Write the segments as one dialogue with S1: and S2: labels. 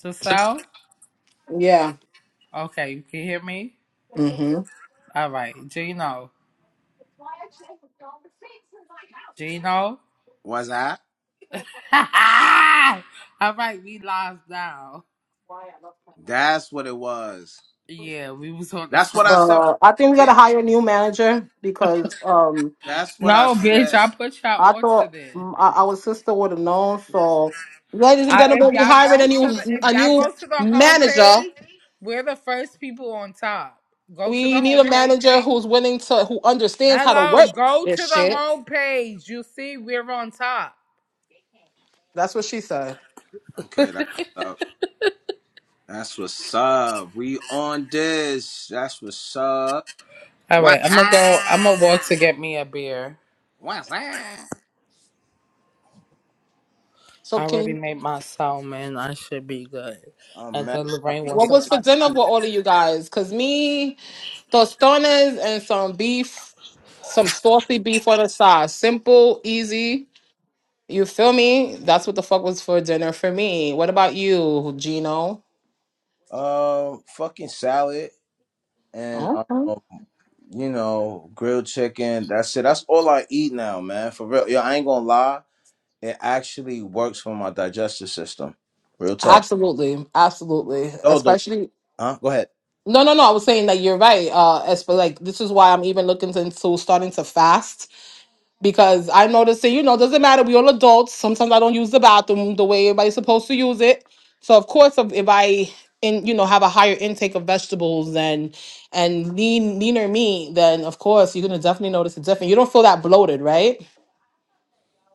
S1: To South?
S2: Yeah.
S1: Okay, you can hear me?
S2: hmm
S1: All right, Gino. Gino?
S3: Was I?
S1: All right, we live now.
S3: That's what it was.
S1: Yeah, we was on the
S3: That's what
S1: phone.
S3: I said
S2: Uh,
S3: from the
S2: I think we got to
S3: beginning.
S2: hire a new manager because um,
S3: That's what I
S1: No, bitch,
S3: said.
S1: I put y'all
S2: I
S1: on to
S2: thought
S1: this.
S2: mm, our our sister would have known. So, ladies and
S1: I, if
S2: gentlemen, we
S1: y'all
S2: hired a
S1: go to
S2: new
S1: the if
S2: a
S1: y'all
S2: new
S1: go to the
S2: manager.
S1: homepage, we're the first people on top. Go to the
S2: We need a
S1: homepage.
S2: manager who's willing to who understands how to
S1: Hello,
S2: work
S1: go
S2: this
S1: to the
S2: shit.
S1: homepage. You see, we're on top.
S2: That's what she said.
S3: Okay, that's what's up. That's what's up. We on this. That's what's up.
S1: All right,
S3: What's
S1: I'm gonna go. I'm gonna walk
S3: up?
S1: to get me a beer.
S3: What's up?
S2: So,
S1: I already
S2: King,
S1: made my soul, man. I should be good.
S3: Oh
S1: And
S3: man,
S1: then
S3: I
S1: Lorraine wants
S2: what
S3: forget.
S1: some
S2: was for
S1: ice
S2: dinner
S1: cream.
S2: with all of you guys? Cause me, tostones and some beef, some saucy beef on the side. Simple, easy. You feel me? That's what the fuck was for dinner for me. What about you, Gino?
S3: Um, fucking salad and um,
S2: Okay.
S3: you know, grilled chicken. That's it. That's all I eat now, man. For real. Yo, I ain't gonna lie. It actually works for my digestive system. Real talk.
S2: Absolutely, absolutely.
S3: Yo, the
S2: Especially
S3: huh? Go ahead.
S2: no, no, no. I was saying that you're right. Uh, as for like, this is why I'm even looking into starting to fast because I noticed that you know doesn't matter. We all adults. Sometimes I don't use the bathroom the way everybody's supposed to use it. So of course, if, if I in you know have a higher intake of vegetables and and lean leaner meat, then of course you're gonna definitely notice a difference. You don't feel that bloated, right?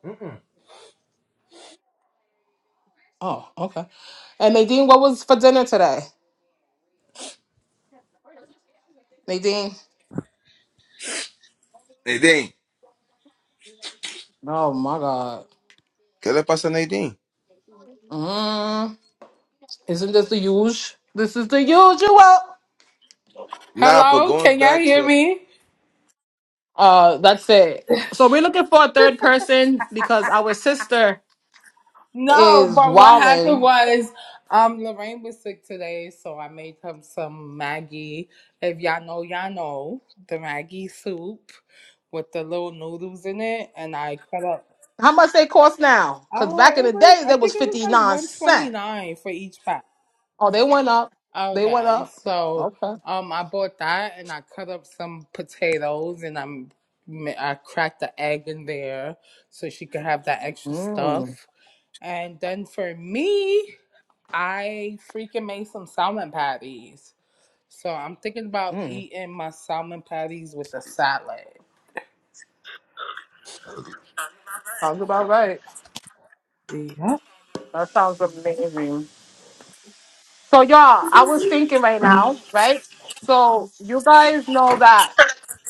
S3: Mm-mm.
S2: Oh, okay. And Nadine, what was for dinner today? Nadine.
S3: Nadine.
S2: Oh my God.
S3: ¿Qué le pasa a Nadine?
S2: Mm, isn't this the usual? This is the usual.
S3: Nah, but
S1: Hello,
S3: going
S1: can y'all
S3: back
S1: hear
S3: to
S1: me?
S2: Uh, that's it. So we're looking for a third person because our sister
S1: No,
S2: is
S1: but what happened
S2: wilding.
S1: was, um, Lorraine was sick today, so I made him some Maggie. If y'all know, y'all know the Maggie soup with the little noodles in it, and I cut up.
S2: How much they cost now? Because
S1: Oh,
S2: back in
S1: it
S2: the
S1: was.
S2: day,
S1: I
S2: that was
S1: think it was
S2: fifty
S1: like
S2: nine
S1: one twenty
S2: cent.
S1: nine for each pack.
S2: Oh, they went up. They went
S1: Okay,
S2: up.
S1: so
S2: Okay.
S1: um, I bought that and I cut up some potatoes and I'm ma- I cracked the egg in there so she could have that extra
S2: Mm,
S1: stuff. And then for me, I freaking made some salmon patties. So I'm thinking about
S2: mm.
S1: eating my salmon patties with a salad.
S2: Sounds about right.
S1: Yeah,
S2: That sounds amazing. So y'all, I was thinking right now, right? So you guys know that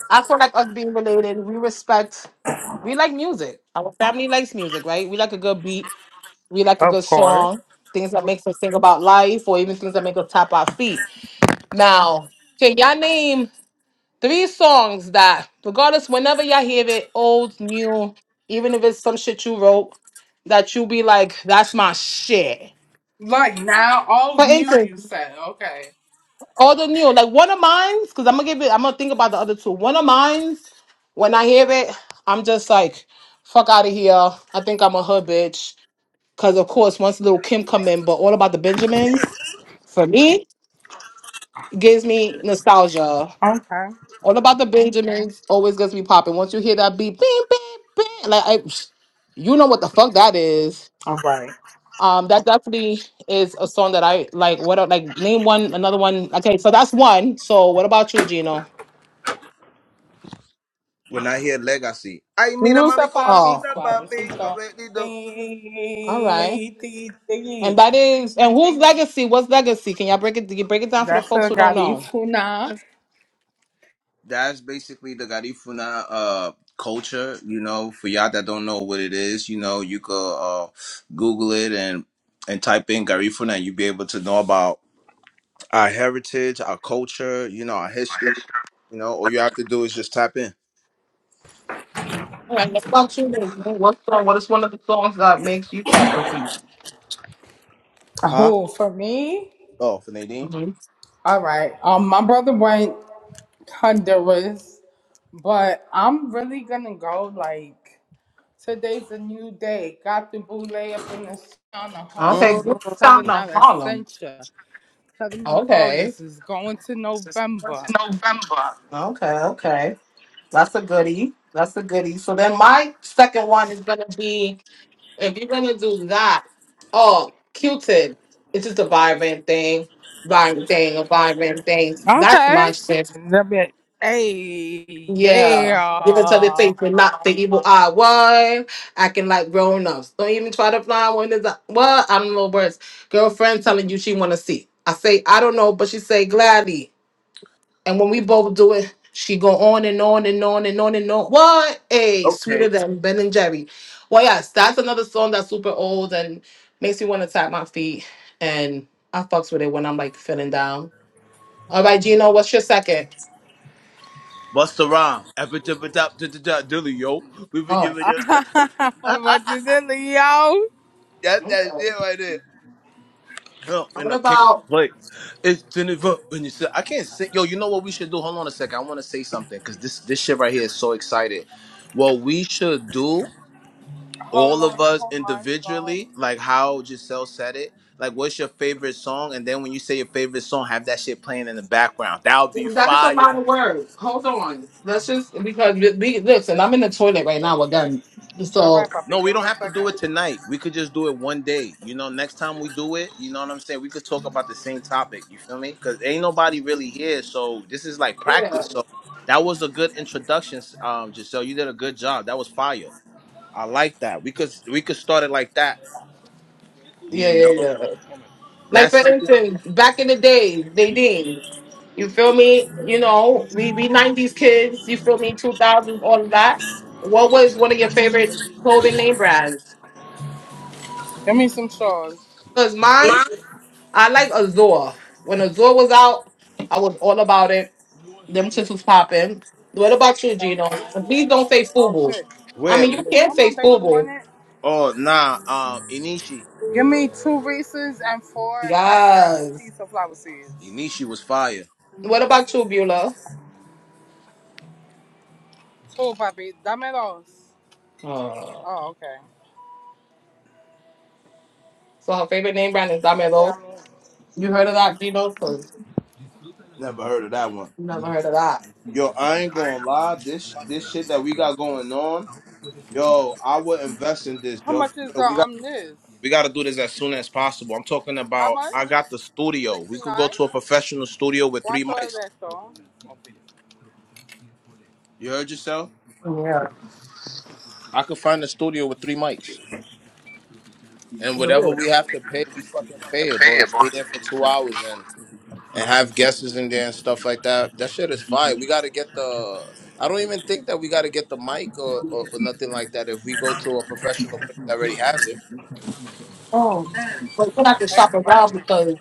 S2: I feel like us being related, we respect, we like music. Our family likes music, right? We like a good beat, we like a
S1: of
S2: good
S1: course.
S2: song, things that makes us think about life, or even things that make us tap our feet. Now, can y'all name three songs that, regardless, whenever y'all hear it, old, new, even if it's some shit you wrote, that you be like, that's my shit.
S1: Like now, all
S2: For
S1: new.
S2: instance,
S1: You said okay.
S2: All the new, like one of mine's, because I'm gonna give it. I'm gonna think about the other two. One of mine's, when I hear it, I'm just like, fuck out of here. I think I'm a hood bitch. Because of course, once little Kim come in, but all about the Benjamins for me gives me nostalgia.
S1: Okay.
S2: All about the Benjamins always gets me popping. Once you hear that beat, bing, bing, bing, like I, you know what the fuck that is.
S1: All right.
S2: Um, that definitely is a song that I like. What like name one another one? Okay, so that's one. So what about you, Gino?
S3: when I hear legacy. Ay, mira, mami,
S1: Rusa
S3: con le
S1: Papi,
S2: Oh,
S3: gusta,
S2: okay.
S3: papi.
S1: Suavecito.
S3: correctito.
S2: All right.
S1: Ti, ti,
S2: And
S1: ti.
S2: that is and whose legacy? What's legacy? Can y'all break it? Can you break it down for the
S1: That's
S2: folks
S1: a
S2: who don't know?
S1: Garifuna.
S3: That's basically the Garifuna uh, culture, you know. For y'all that don't know what it is, you know, you could uh, Google it and and type in Garifuna, and you'll be able to know about our heritage, our culture, you know, our history. You know, all you have to do is just tap in.
S2: All right. Let's talk to you. What's song? What is one of the songs that makes you tap your feet?
S3: Huh?
S1: Oh, for me,
S3: Oh, for Nadine.
S2: hmm
S1: all right. Um, my brother went Honduras, but I'm really gonna go like today's a new day. Got the boule up in the town of
S2: Okay.
S1: Harlem.
S2: Good
S3: Mm,
S2: sound
S1: Southern out
S2: of Harlem.
S1: Essentia. Southern is
S2: Okay.
S1: August is going to November.
S2: Okay. Okay. That's a goodie. That's a goodie. So then my second one is gonna be if you're gonna do that. Oh, Q-Tip. It's just a vibrant thing. Vibrant thing. A vibrant thing. That's my
S1: Okay.
S2: shit.
S1: Let me- Hey,
S2: Yeah, give it to the
S1: yeah.
S2: face and not the evil eye. What? Acting like grown ups. Don't even try to fly when there's a what? I don't know words. Girlfriend telling you she wanna see. I say I don't know, but she say gladly. And when we both do it, she go on and on and on and on and on. What? Hey,
S3: okay,
S2: sweeter than Ben and Jerry. Well, yes, that's another song that's super old and makes me want to tap my feet. And I fucks with it when I'm like feeling down. All right, Gino, what's your second?
S3: What's the rhyme? Epi- tipi- top, Dilly, yo. We been
S2: Oh,
S3: giving you.
S1: what
S3: That's
S1: is it, Leo? Hold
S2: okay.
S3: that shit right there. No, and
S2: What
S3: I can't
S2: about?
S3: play. It's in the when you say I can't sing. Yo, you know what we should do? Hold on a second. I want to say something because this this shit right here is so excited. What we should do, all
S1: on,
S3: of
S1: I
S3: us
S1: hold my phone.
S3: individually, like how Giselle said it. Like, what's your favorite song? And then when you say your favorite song, have that shit playing in the background. That would be
S2: That's a
S3: fire.
S2: lot of work. Hold on. That's just because we, we listen. I'm in the toilet right now again.
S1: All
S2: So
S1: right, puppy,
S3: No, we
S1: give me
S3: don't
S1: a
S3: have to do
S1: second.
S3: it tonight. We could just do it one day. You know, next time we do it, you know what I'm saying? We could talk about the same topic. You feel me? Because ain't nobody really here. So this is like
S2: yeah,
S3: practice. So that was a good introduction, um, Giselle. You did a good job. That was fire. I like that. We could we could start it like that.
S2: yeah,
S3: You
S2: yeah,
S3: know,
S2: yeah. Like
S3: that's
S2: for
S3: something
S2: instance, back in the day, they did. You feel me? You know, we we '90s kids. You feel me? 2000s, all of that. What was one of your favorite clothing name brands?
S1: Give me some straws.
S2: Cause mine, I like Azor. When Azor was out, I was all about it. Them shits was popping. What about you,
S1: Thank you.
S2: Gino? Please don't say
S1: Oh
S2: Fubu.
S1: shit.
S2: I
S3: where
S1: Give
S2: mean,
S1: me
S2: you
S1: what
S2: can't
S1: my
S2: say
S1: baby
S2: Fubu.
S1: wanted.
S3: oh nah, um Inishi.
S1: Give me two Reese's and four packs of nacho
S2: Yes.
S1: cheese or flower seeds.
S3: Inishi was fire.
S2: What about you, Beulah?
S1: Two, puppy. Dame dos.
S2: Uh,
S1: Oh, okay.
S2: so her favorite name brand is
S1: Right there, I
S2: Damelo.
S1: mean.
S2: You heard of that, Gino? Because
S3: Never heard of that one.
S2: you never heard of that.
S3: Yo, I ain't gonna lie, this this shit that we got going on. Yo, I would invest in this,
S1: How
S3: yo.
S1: much
S3: For
S1: is the
S3: real. We got
S1: um this?
S3: we got to do this as soon as possible. I'm talking
S1: How
S3: about.
S1: much?
S3: I got the studio. We
S1: Sixty
S3: could go
S1: nine.
S3: to a professional studio with three
S1: Cuánto es
S3: mics.
S1: esto?
S3: You heard yourself?
S2: Yeah.
S3: I could find a studio with three mics, and
S2: The
S3: whatever
S2: word.
S3: we have to pay, we fucking pay it, bro. And stay there for two hours and and have guests in there and stuff like that. That shit is fire. We got to get the. I don't even think that we got to get the mic or, or or nothing like that. If we go to a professional place that already has it.
S2: Oh. But you're going to have to shop
S1: Thank you,
S2: around
S1: papi.
S2: because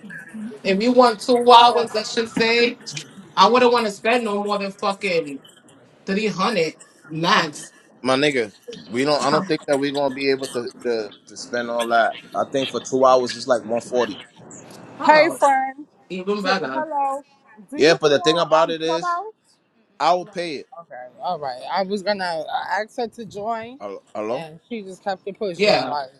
S2: if you want two
S1: I
S2: hours,
S1: don't
S2: I should say, I wouldn't want to spend no more than fucking 300 max.
S3: my nigga, we don't. I don't think that we're gonna be able to to, to spend all that. I think for two hours it's like one forty.
S1: Hey,
S2: Oh,
S1: friend.
S2: even
S1: Do,
S2: better.
S1: hello. Do
S3: Yeah,
S1: you be
S3: but the thing
S1: on
S3: about
S1: um
S3: it is,
S1: Clubhouse?
S3: I'll pay it.
S1: Okay. All right. I was gonna uh, ask her to join,
S3: Hel- Hello,
S1: and she just kept it pushing.
S2: Yeah.
S1: Like,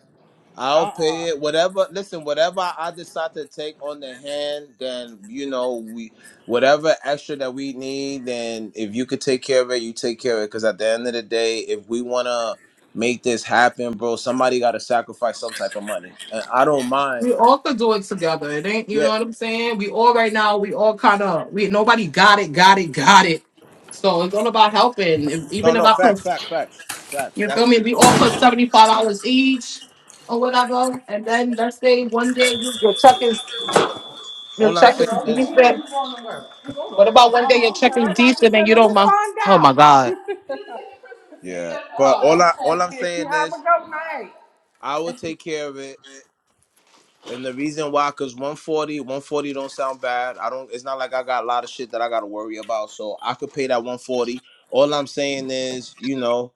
S1: uh,
S3: I'll
S1: uh-uh. uh.
S3: pay it. Whatever. Listen, whatever I decide to take on the hand, then you know we whatever extra that we need. Then if you could take care of it, you take care of it. Because at the end of the day, if we wanna make this happen, bro, somebody gotta sacrifice some type of money, and I don't mind.
S2: We all could do it together. It ain't, you
S3: Yeah.
S2: know what I'm saying? We all right now, we all kind of, we nobody got it, got it, got it. So it's all about helping. If,
S3: No,
S2: even if
S3: no,
S2: I
S3: facts,
S2: put,
S3: facts, facts. Facts.
S2: you
S3: That's
S2: feel me? We all put seventy five dollars each or whatever, and then let's say one day you, your check is your
S3: All I'm
S2: check
S3: saying
S2: is
S3: is,
S2: decent.
S1: going to work. I'm going to
S2: What
S1: work.
S2: about one day your
S1: Oh,
S2: check is
S1: okay. I'm
S2: decent and you don't mind? Oh my
S1: about to
S2: God!
S1: say, let me find out.
S3: yeah. But all
S1: oh,
S3: I all I'm
S1: okay. You
S3: saying
S1: Have a
S3: is,
S1: good night.
S3: I will take care of it. And the reason why, cause one forty, one forty don't sound bad. I don't. It's not like I got a lot of shit that I got to worry about. So I could pay that 140. All I'm saying is, you know,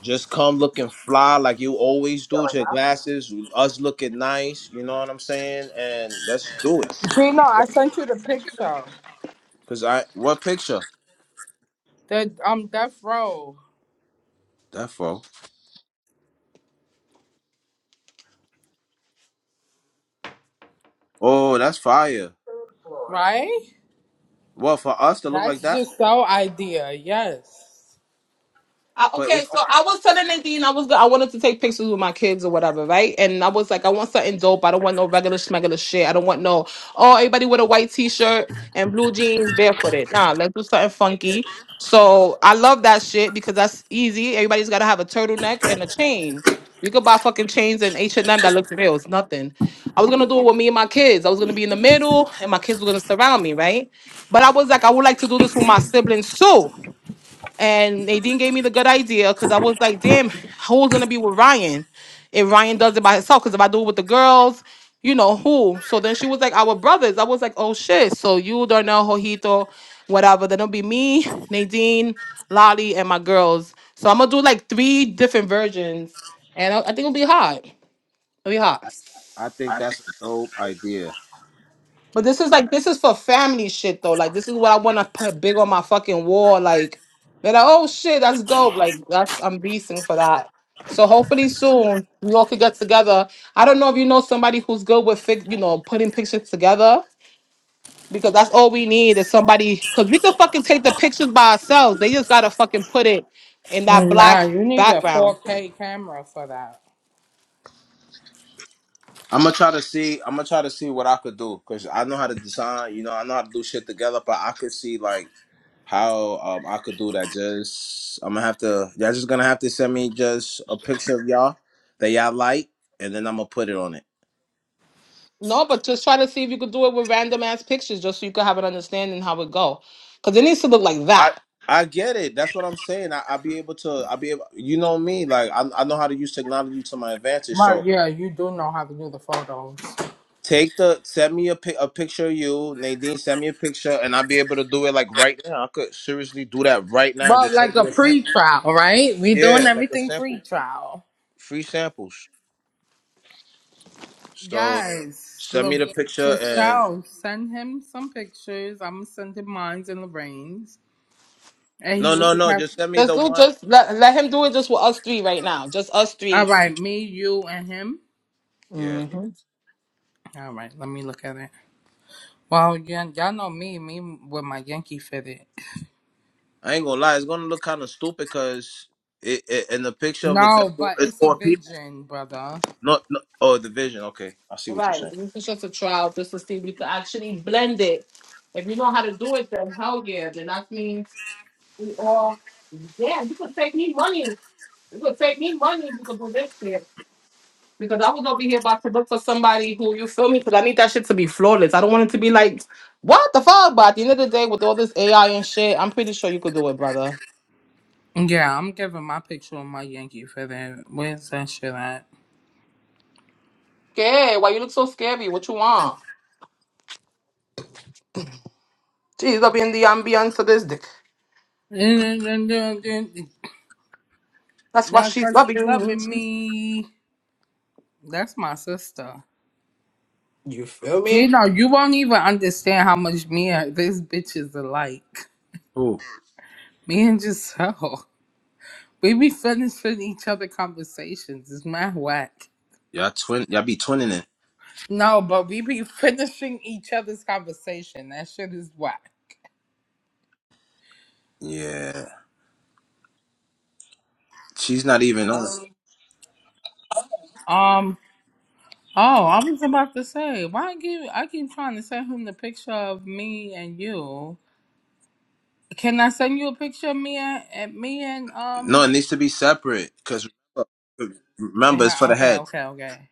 S3: just come looking fly like you always do with
S1: Going
S3: your
S1: up.
S3: glasses. Us looking nice. You know what I'm saying? And let's do it.
S1: Gino, I sent you the picture.
S3: Cause I what picture?
S1: The um death row,
S3: That fo. Oh, that's fire.
S1: right?
S3: Well, for us to look like
S1: That's
S3: that,
S1: just so idea. Yes.
S2: I,
S3: but
S2: okay,
S3: it's.
S2: so I was telling Nadine I was go- I wanted to take pictures with my kids or whatever, right? And I was like, I want something dope. I don't want no regular schmegular shit. I don't want no oh everybody with a white t-shirt and blue jeans barefooted. Nah, let's do something funky. So I love that shit because that's easy. Everybody's gotta have a turtleneck and a chain. We could buy fucking chains and H and M that looks real. It's nothing. I was gonna do it with me and my kids. I was gonna be in the middle, and my kids were gonna surround me, right? But I was like, I would like to do this with my siblings too. And Nadine gave me the good idea because I was like, damn, who's gonna be with Ryan if Ryan does it by himself? Because if I do it with the girls, you know who? So then she was like, our brothers. I was like, oh shit. So you, Darnell, Jojito, whatever. Then it'll be me, Nadine, Lolly, and my girls. So I'm gonna do like three different versions, and I, I think it'll be hot. It'll be hot.
S3: I think that's a dope idea.
S2: But this is like this is for family shit though. Like this is what I want to put big on my fucking wall. Like they're like, oh shit, that's dope. Like that's I'm beasting for that. So hopefully soon we all could get together. I don't know if you know somebody who's good with fix, you know, putting pictures together because that's all we need is somebody because we can fucking take the pictures by ourselves. They just gotta fucking put it in that
S1: Nah,
S2: black
S1: you need a
S2: background.
S1: 4K camera for that.
S3: I'm gonna try to see. I'm gonna try to see what I could do because I know how to design. You know, I know how to do shit together, but I could see like how um I could do that. Just I'm gonna have to. Y'all just gonna have to send me just a picture of y'all that y'all like, and then I'm gonna put it on it.
S2: No, but just try to see if you could do it with random ass pictures just so you could have an understanding how it go. Cause it needs to look like
S3: I
S2: that.
S3: I get it. That's what I'm saying. I, I'll be able to. I'll be able. You know me. Like I I know how to use technology to my advantage.
S1: But
S3: So.
S1: yeah, you do know how to do the photos.
S3: Take the send me a, pic, a picture of you, Nadine. Send me a picture, and I'll be able to do it like right now. I could seriously do that right now and
S1: But
S3: just show
S1: like a
S3: you a sample.
S1: pre-trial, right? We doing
S3: Yeah, like a
S1: everything
S3: sample,
S1: pre-trial.
S3: free samples. So
S1: Yes,
S3: send
S1: look
S3: me the picture
S1: to
S3: and
S1: sell. Send him some pictures. I'm gonna send him mine and Lorraine's, and he
S3: no,
S1: will
S3: no,
S1: just
S3: no,
S1: have.
S3: just send me
S2: Just,
S3: the
S2: do
S3: one.
S2: just let, let him do it just with us three right now. Just us
S1: All
S2: three.
S1: right, me, you, and him.
S3: Yeah,
S2: Mm-hmm.
S1: All right, let me look at it. Well, yeah, y'all know me, me with my Yankee fitted.
S3: I ain't gonna lie, it's gonna look kind of stupid because it, it in the picture of a
S1: No,
S3: devil,
S1: but
S3: it's
S1: it's a
S3: four people.
S1: vision, brother.
S3: No, no, oh, the vision. Okay, I see
S2: All
S3: what you're
S2: right.
S3: saying.
S2: This is just a trial just to see if we can actually blend it. If you know how to do it, then hell yeah. Then that means we all damn, you could take me money. You could take me money if you could do this shit. Because I was over here about to look for somebody who you feel me, because I need that shit to be flawless. I don't want it to be like, what the fuck? But at the end of the day, with all this AI and shit, I'm pretty sure you could do it, brother.
S1: Yeah, I'm giving my picture of my Yankee for that. Where's that shit at?
S2: Okay, why you look so scary? What you want? She's loving the ambiance of this dick.
S1: That's
S2: That's why she's
S1: why she
S2: loving me.
S1: loving me. That's my sister.
S2: You feel
S1: You
S2: me?
S1: know, you won't even understand how much me and this bitch is alike.
S3: Ooh,
S1: Me and Giselle. We be finishing each other conversations. It's mad whack.
S3: y'all twin, y'all be twinning it.
S1: No, but we be finishing each other's conversation. That shit is whack.
S3: Yeah, she's not even on.
S1: Um. Oh, I was about to say, why I keep I keep trying to send him the picture of me and you. Can I send you a picture of me and, and me and
S3: No,
S1: um?
S3: it needs to be separate because remember, it's
S1: yeah,
S3: for the
S1: Okay,
S3: head.
S1: okay, okay.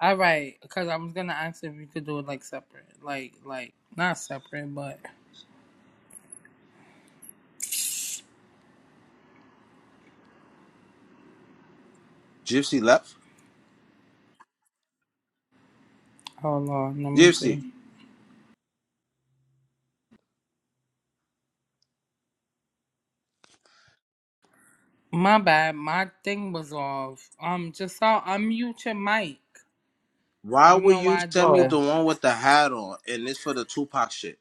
S1: All right, because I was gonna ask if you could do it like separate, like like not separate, but
S3: Gypsy left.
S1: hold on, let me
S3: Gypsy,
S1: see. My bad, my thing was off. Um, just saw unmute your mic. I
S3: why
S1: don't
S3: would
S1: know
S3: you
S1: why I did
S3: send me
S2: Oh,
S3: the
S1: that,
S3: one with the hat on and it's for the Tupac shit?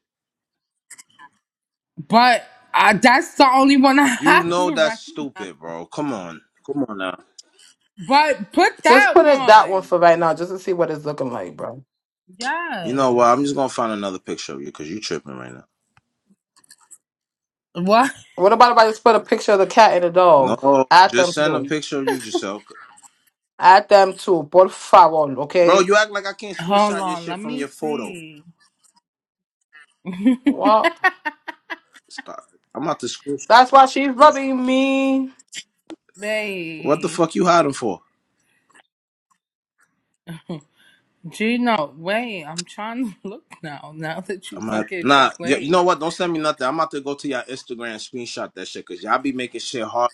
S1: but uh, that's the only one I
S3: You
S1: have
S3: know that's
S1: right
S3: stupid,
S1: now.
S3: bro. Come on. Come on now.
S1: But put
S2: just
S1: that
S2: put it that one
S1: one.
S2: for right now, just to see what it's looking like, bro.
S3: You know what? I'm
S1: Yes.
S3: just gonna find another picture of you because you tripping right now.
S1: What?
S2: What about if I just put a picture of the cat and the dog?
S3: No,
S2: Add them
S3: just send a
S2: too.
S3: picture of you yourself.
S2: Add them too. Por favor,
S3: Bro,
S2: okay?
S3: you act like I can't
S1: Hold
S3: screenshot your
S1: on.
S3: shit
S1: Let
S3: from
S1: me
S3: your photo.
S1: see.
S2: Well,
S3: Stop. I'm out to screenshot.
S2: that's why she's loving me.
S3: What the
S1: Wait.
S3: fuck you hiding for?
S1: Gino, wait. I'm trying to look now. Now that you
S3: I'm out.
S1: fucking
S3: Nah, y- you know
S1: complain.
S3: what? Don't send me nothing. I'm out to go to your Instagram and screenshot that shit because y'all be making shit hard.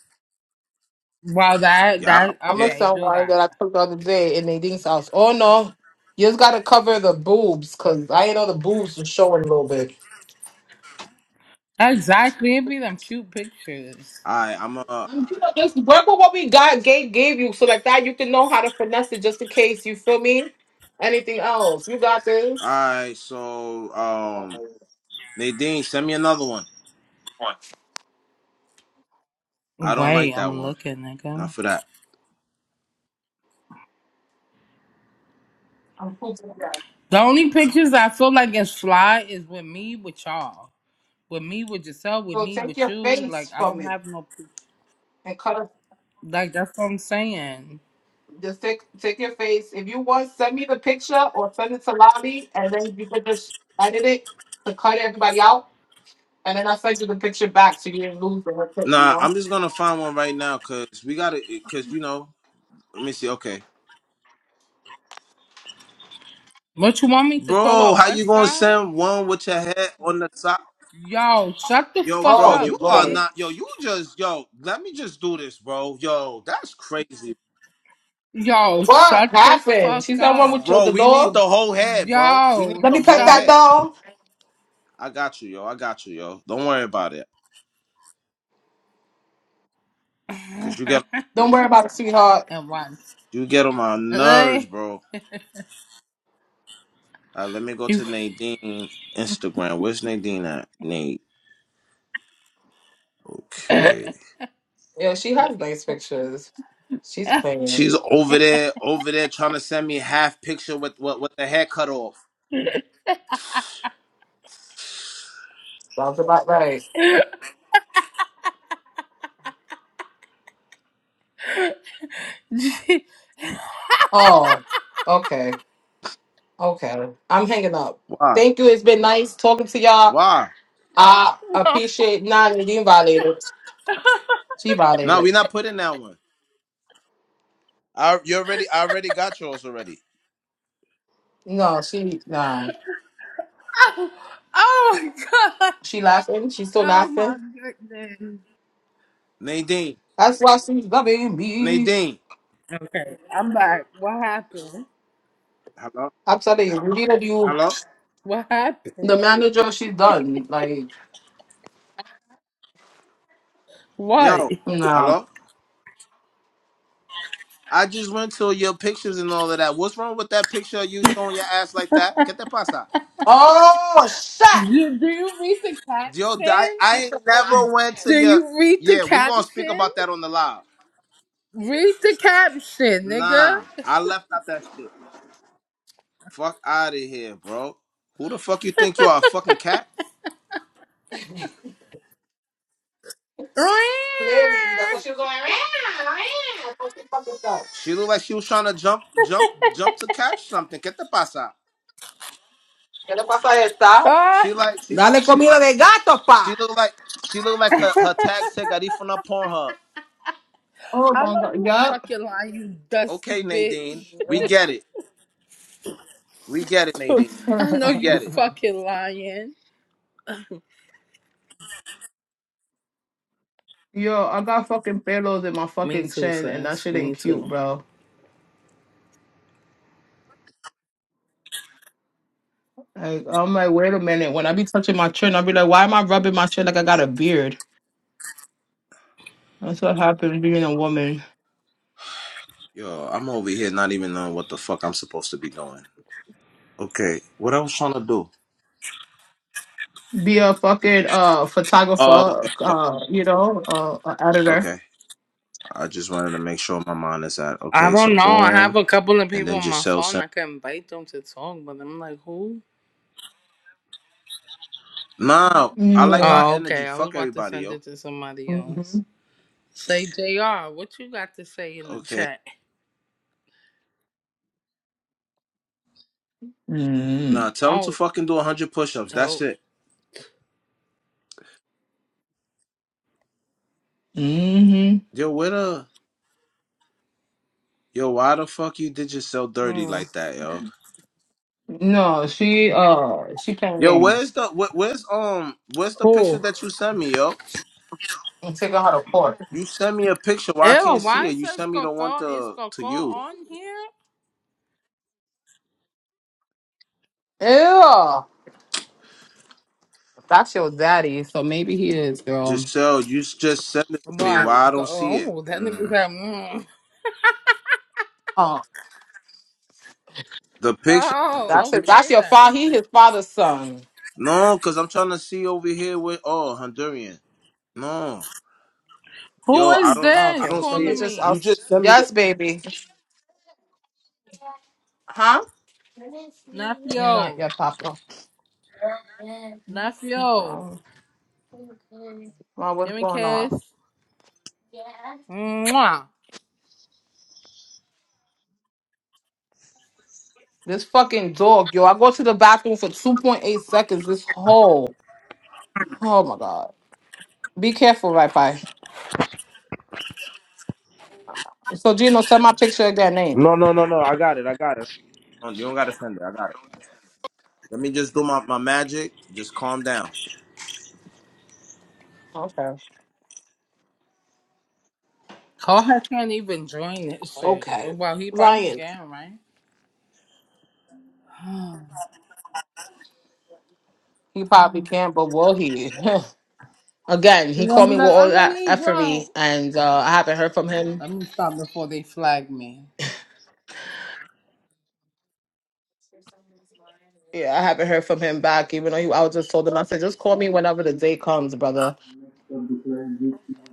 S1: Wow, that,
S3: Y'all
S1: that,
S3: over
S2: I'm a
S3: here.
S1: okay, do
S2: someone
S1: that.
S2: that I took the other day in Nadine's house. Oh no, you just gotta cover the boobs, cause I know the boobs are showing a little bit.
S1: Exactly. It'd be them cute pictures.
S3: Alright, I'm uh
S2: Just work with what we got gave gave you so like that you can know how to finesse it just in case you feel me. Anything else? You got this.
S3: alright, so um Nadine, send me another one. I don't like
S1: Wait,
S3: that
S1: I'm
S3: one.
S1: looking,
S3: Not
S1: nigga.
S3: for that.
S2: I'm pooping that.
S1: The only pictures I feel like is fly is with me, with y'all. With me, with Giselle, with
S2: So
S1: me,
S2: take
S1: with
S2: your
S1: you. Like,
S2: face
S1: I
S2: from
S1: don't
S2: it
S1: have no, pic-
S2: and cut off
S1: like, that's what I'm saying.
S2: just take take your face. If you want, send me the picture or send it to Lobby and then you can just edit it to cut everybody out and then I'll send you the picture back so you didn't lose the whole thing, you
S3: Nah,
S2: know?
S3: I'm just gonna find one right now because we gotta. Because you know, let me see. Okay,
S1: What you want me to throw
S3: bro,
S1: up
S3: how you
S1: West
S3: gonna
S1: Side?
S3: send one with your head on the top?
S1: Yo, shut the
S3: Yo,
S1: fuck
S3: bro,
S2: Oh
S3: you
S1: up,
S3: are
S2: Lord.
S3: not. Yo,
S1: bitch.
S3: you just. Yo, let me just do this, bro. Yo, that's crazy,
S1: Yo,
S2: What
S1: shut the
S2: happened?
S1: fuck
S2: She's that one with
S1: up.
S2: your,
S3: bro.
S2: the
S3: We need the
S2: dog?
S3: whole head, bro. We need
S1: Yo,
S2: Let
S3: the
S2: me pet
S3: whole
S1: shut
S2: that
S3: head.
S2: dog.
S3: I got you, yo. I got you, yo. Don't worry about it, cause you get
S2: Don't worry about it, sweetheart.
S1: and one.
S3: you get on my
S1: Eh,
S3: nerves, bro. All right, let me go
S1: you-
S3: to Nadine Instagram. Where's Nadine at? Nate. Okay.
S2: Yeah, she has nice pictures. She's playing.
S3: She's over there, over there trying to send me half picture with with, with the hair cut off.
S2: Sounds about right.
S1: no.
S2: Oh, okay. Okay. I'm hanging up.
S3: Why?
S2: Thank you. It's been nice talking to y'all.
S3: Why?
S2: I
S1: Oh,
S2: appreciate not being violated. She
S3: No,
S2: violated.
S3: we not putting that one. I you already I already got yours already.
S2: No, she no.
S1: oh my god.
S2: She laughing. She's still
S1: Oh my
S2: laughing.
S1: goodness.
S3: Nadine.
S2: That's why she's loving me.
S3: Nadine.
S1: Okay, I'm back. What happened?
S3: Hello?
S2: I'm telling you, neither of you
S3: Hello?
S1: What
S2: the
S1: happened?
S2: manager, she's done. Like,
S1: What?
S3: Yo,
S2: no.
S3: hello? I just went to your pictures and all of that. What's wrong with that picture of you showing your ass like that? Get that pasa.
S2: Oh shit!
S1: You, do you read the
S3: Yo, I,
S1: caption?
S3: I
S2: She
S3: ain't
S2: said, oh,
S3: never went to
S1: Do
S3: your
S1: you read the
S3: Yeah, we gonna speak
S1: caption?
S3: about that on the live.
S1: Read the caption, nigga.
S3: Nah, I left out that shit. Fuck out of here, bro. Who the fuck you think you are, a fucking cat?
S2: Clearly, that's what
S1: Ah,
S2: she was going. "Meow, meow," for some fucking stuff.
S3: She looked like she was trying to jump, jump, jump to catch something. Get the pass out.
S2: ¿Qué le pasa a esta?
S3: She like she,
S2: Dale comida de gato, pa.
S3: she looked like she looked like her her tag said got from that Pornhub.
S2: Oh
S1: I
S2: my
S1: know
S2: god,
S1: you
S2: yup.
S1: fucking lying, you
S3: Okay,
S1: dusty
S3: Nadine,
S1: bitch.
S3: we get it. We get it, Nadine.
S1: I know
S3: We
S1: you
S3: get it.
S1: fucking lying.
S2: Yo, I got fucking pillows in my
S1: Me
S2: fucking
S1: too,
S2: chin, and that
S1: sis.
S2: shit ain't
S1: Me
S2: cute,
S1: too.
S2: bro. Like, I'm like, wait a minute. When I be touching my chin, I be like, why am I rubbing my chin like I got a beard? That's what happens being a woman.
S3: Yo, I'm over here not even knowing what the fuck I'm supposed to be doing. Okay, what I was trying to do.
S2: Be a fucking uh
S3: Oh, okay,
S2: photographer,
S3: okay.
S2: uh, you know, uh, a editor.
S3: okay. I just wanted to make sure my mind is at
S1: I
S3: okay. So
S1: don't know. I have
S3: boom,
S1: a couple of
S3: and
S1: people
S3: then
S1: on my
S3: Giselle sent.
S1: phone. I could invite them to talk, but I'm like, who?
S3: Nah, I like
S2: Mm-hmm.
S3: our
S1: Oh,
S3: energy.
S1: okay. I was
S3: Fuck
S1: about to
S3: everybody,
S1: send
S3: yo.
S1: it to somebody else.
S2: Mm-hmm.
S1: Say, JR, what you got to say in the
S3: Okay.
S1: chat?
S3: Nah, tell them to
S1: Oh,
S3: fucking do 100 push ups. That's
S1: dope.
S3: it.
S2: Mm-hmm.
S3: Yo, where the. Yo, why the fuck you did yourself dirty
S1: Hmm.
S3: like that, yo?
S2: No, she uh she playing
S3: Yo,
S2: games.
S3: where's the. Where, where's, um. Where's the picture
S1: Cool.
S3: that you sent me, yo?
S2: I'm taking her to court.
S3: You sent me a picture. Why I
S1: Ew,
S3: can't see
S1: why it
S3: it? You
S1: says
S3: sent me the one
S1: Coco? Is
S3: to, to
S1: Coco
S3: you.
S1: on here?
S2: Ew. That's your daddy, so maybe he is, girl.
S3: Giselle, you s- just sent it to me.
S1: Why?
S3: Why I
S1: Go,
S3: don't see it?
S1: oh, that nigga
S3: Mm.
S1: said, mm.
S2: Oh,
S3: The picture. The
S1: oh,
S2: that's it.
S3: picture.
S2: That's
S1: okay
S2: your
S1: then.
S2: father. He his father's son.
S3: No, because I'm trying to see over here with. Oh, Honduran. No.
S1: Who
S3: Yo, I
S1: is
S3: don't I
S1: this
S2: Okay,
S3: don't
S2: let
S3: see
S2: me
S1: calling
S3: it.
S2: just. I'll,
S3: You
S1: me?
S3: just send me your
S2: yes, baby. Huh? Not
S1: Nephew.
S2: your papa.
S1: Nephew.
S2: Um, well, what's
S1: Give me a
S2: going on?
S1: kiss. Mwah.
S2: This fucking dog, yo. I go to the bathroom for two point eight seconds. This whole. Oh my god. Be careful, right, pie. So Gino, send my picture of that name.
S3: No no no no, I got it, I got it. Oh, You don't gotta send it, I got it. Let me just do my, my magic. Just calm down.
S2: Okay.
S1: Koha can't even join this shit. Well, he probably
S2: Okay.
S1: can, right?
S2: He probably can, but will he? Again,
S1: He's
S2: he
S1: gonna
S2: called
S1: be
S2: me with
S1: like,
S2: all
S1: I'm a
S2: that
S1: Negro.
S2: effery, and uh,
S1: Oh,
S2: I haven't heard from him.
S1: let me stop before they flag me.
S2: Yeah, I haven't heard from him back, even though he, I was just told him, I said, just call me whenever the day comes, brother.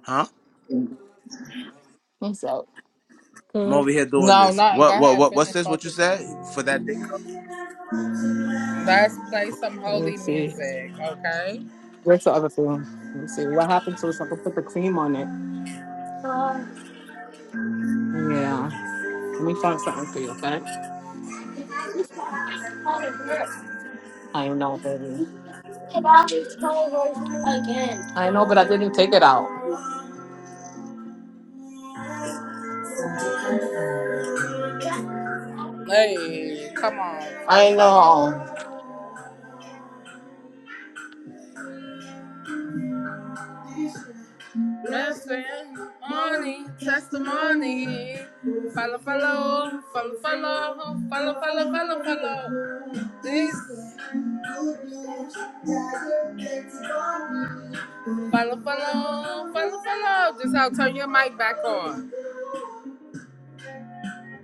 S3: Huh?
S2: What's up?
S3: I'm
S2: Good.
S3: over here doing
S1: No,
S3: this.
S1: not. Go
S3: What what
S1: ahead,
S3: what what's
S1: finish
S3: this? What you said?
S1: focusing.
S3: For that day?
S1: Let's play some
S2: Let me
S1: holy
S2: see.
S1: music, okay?
S2: Where's the other thing? Let me see. What happened to this? I can put the cream on it. Yeah. Let me find something for you, okay? I know, baby. I know, but I didn't take it out.
S1: Hey, come on, follow,
S2: I
S1: follow.
S2: know.
S1: Blessed morning testimony. Follow, follow, follow, follow, follow, follow, follow, follow. This follow, follow, follow, follow. Just how turn your mic back on.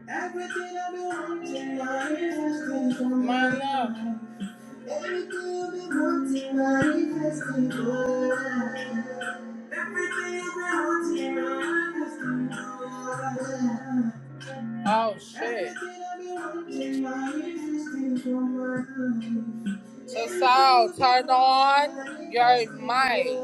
S1: Everything I've been wanting, manifesting. My love. Everything I've been wanting, manifesting. Oh shit. Tasal, turn on your mic.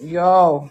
S2: Yo.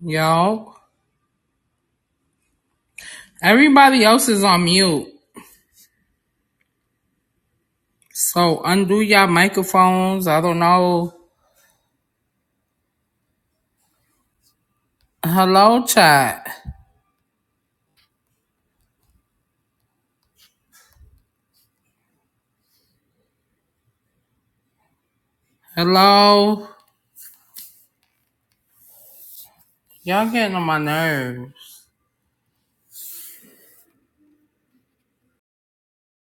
S1: Yo. Everybody else is on mute. So undo your microphones. I don't know. Hello, chat. Hello. Y'all getting on my nerves.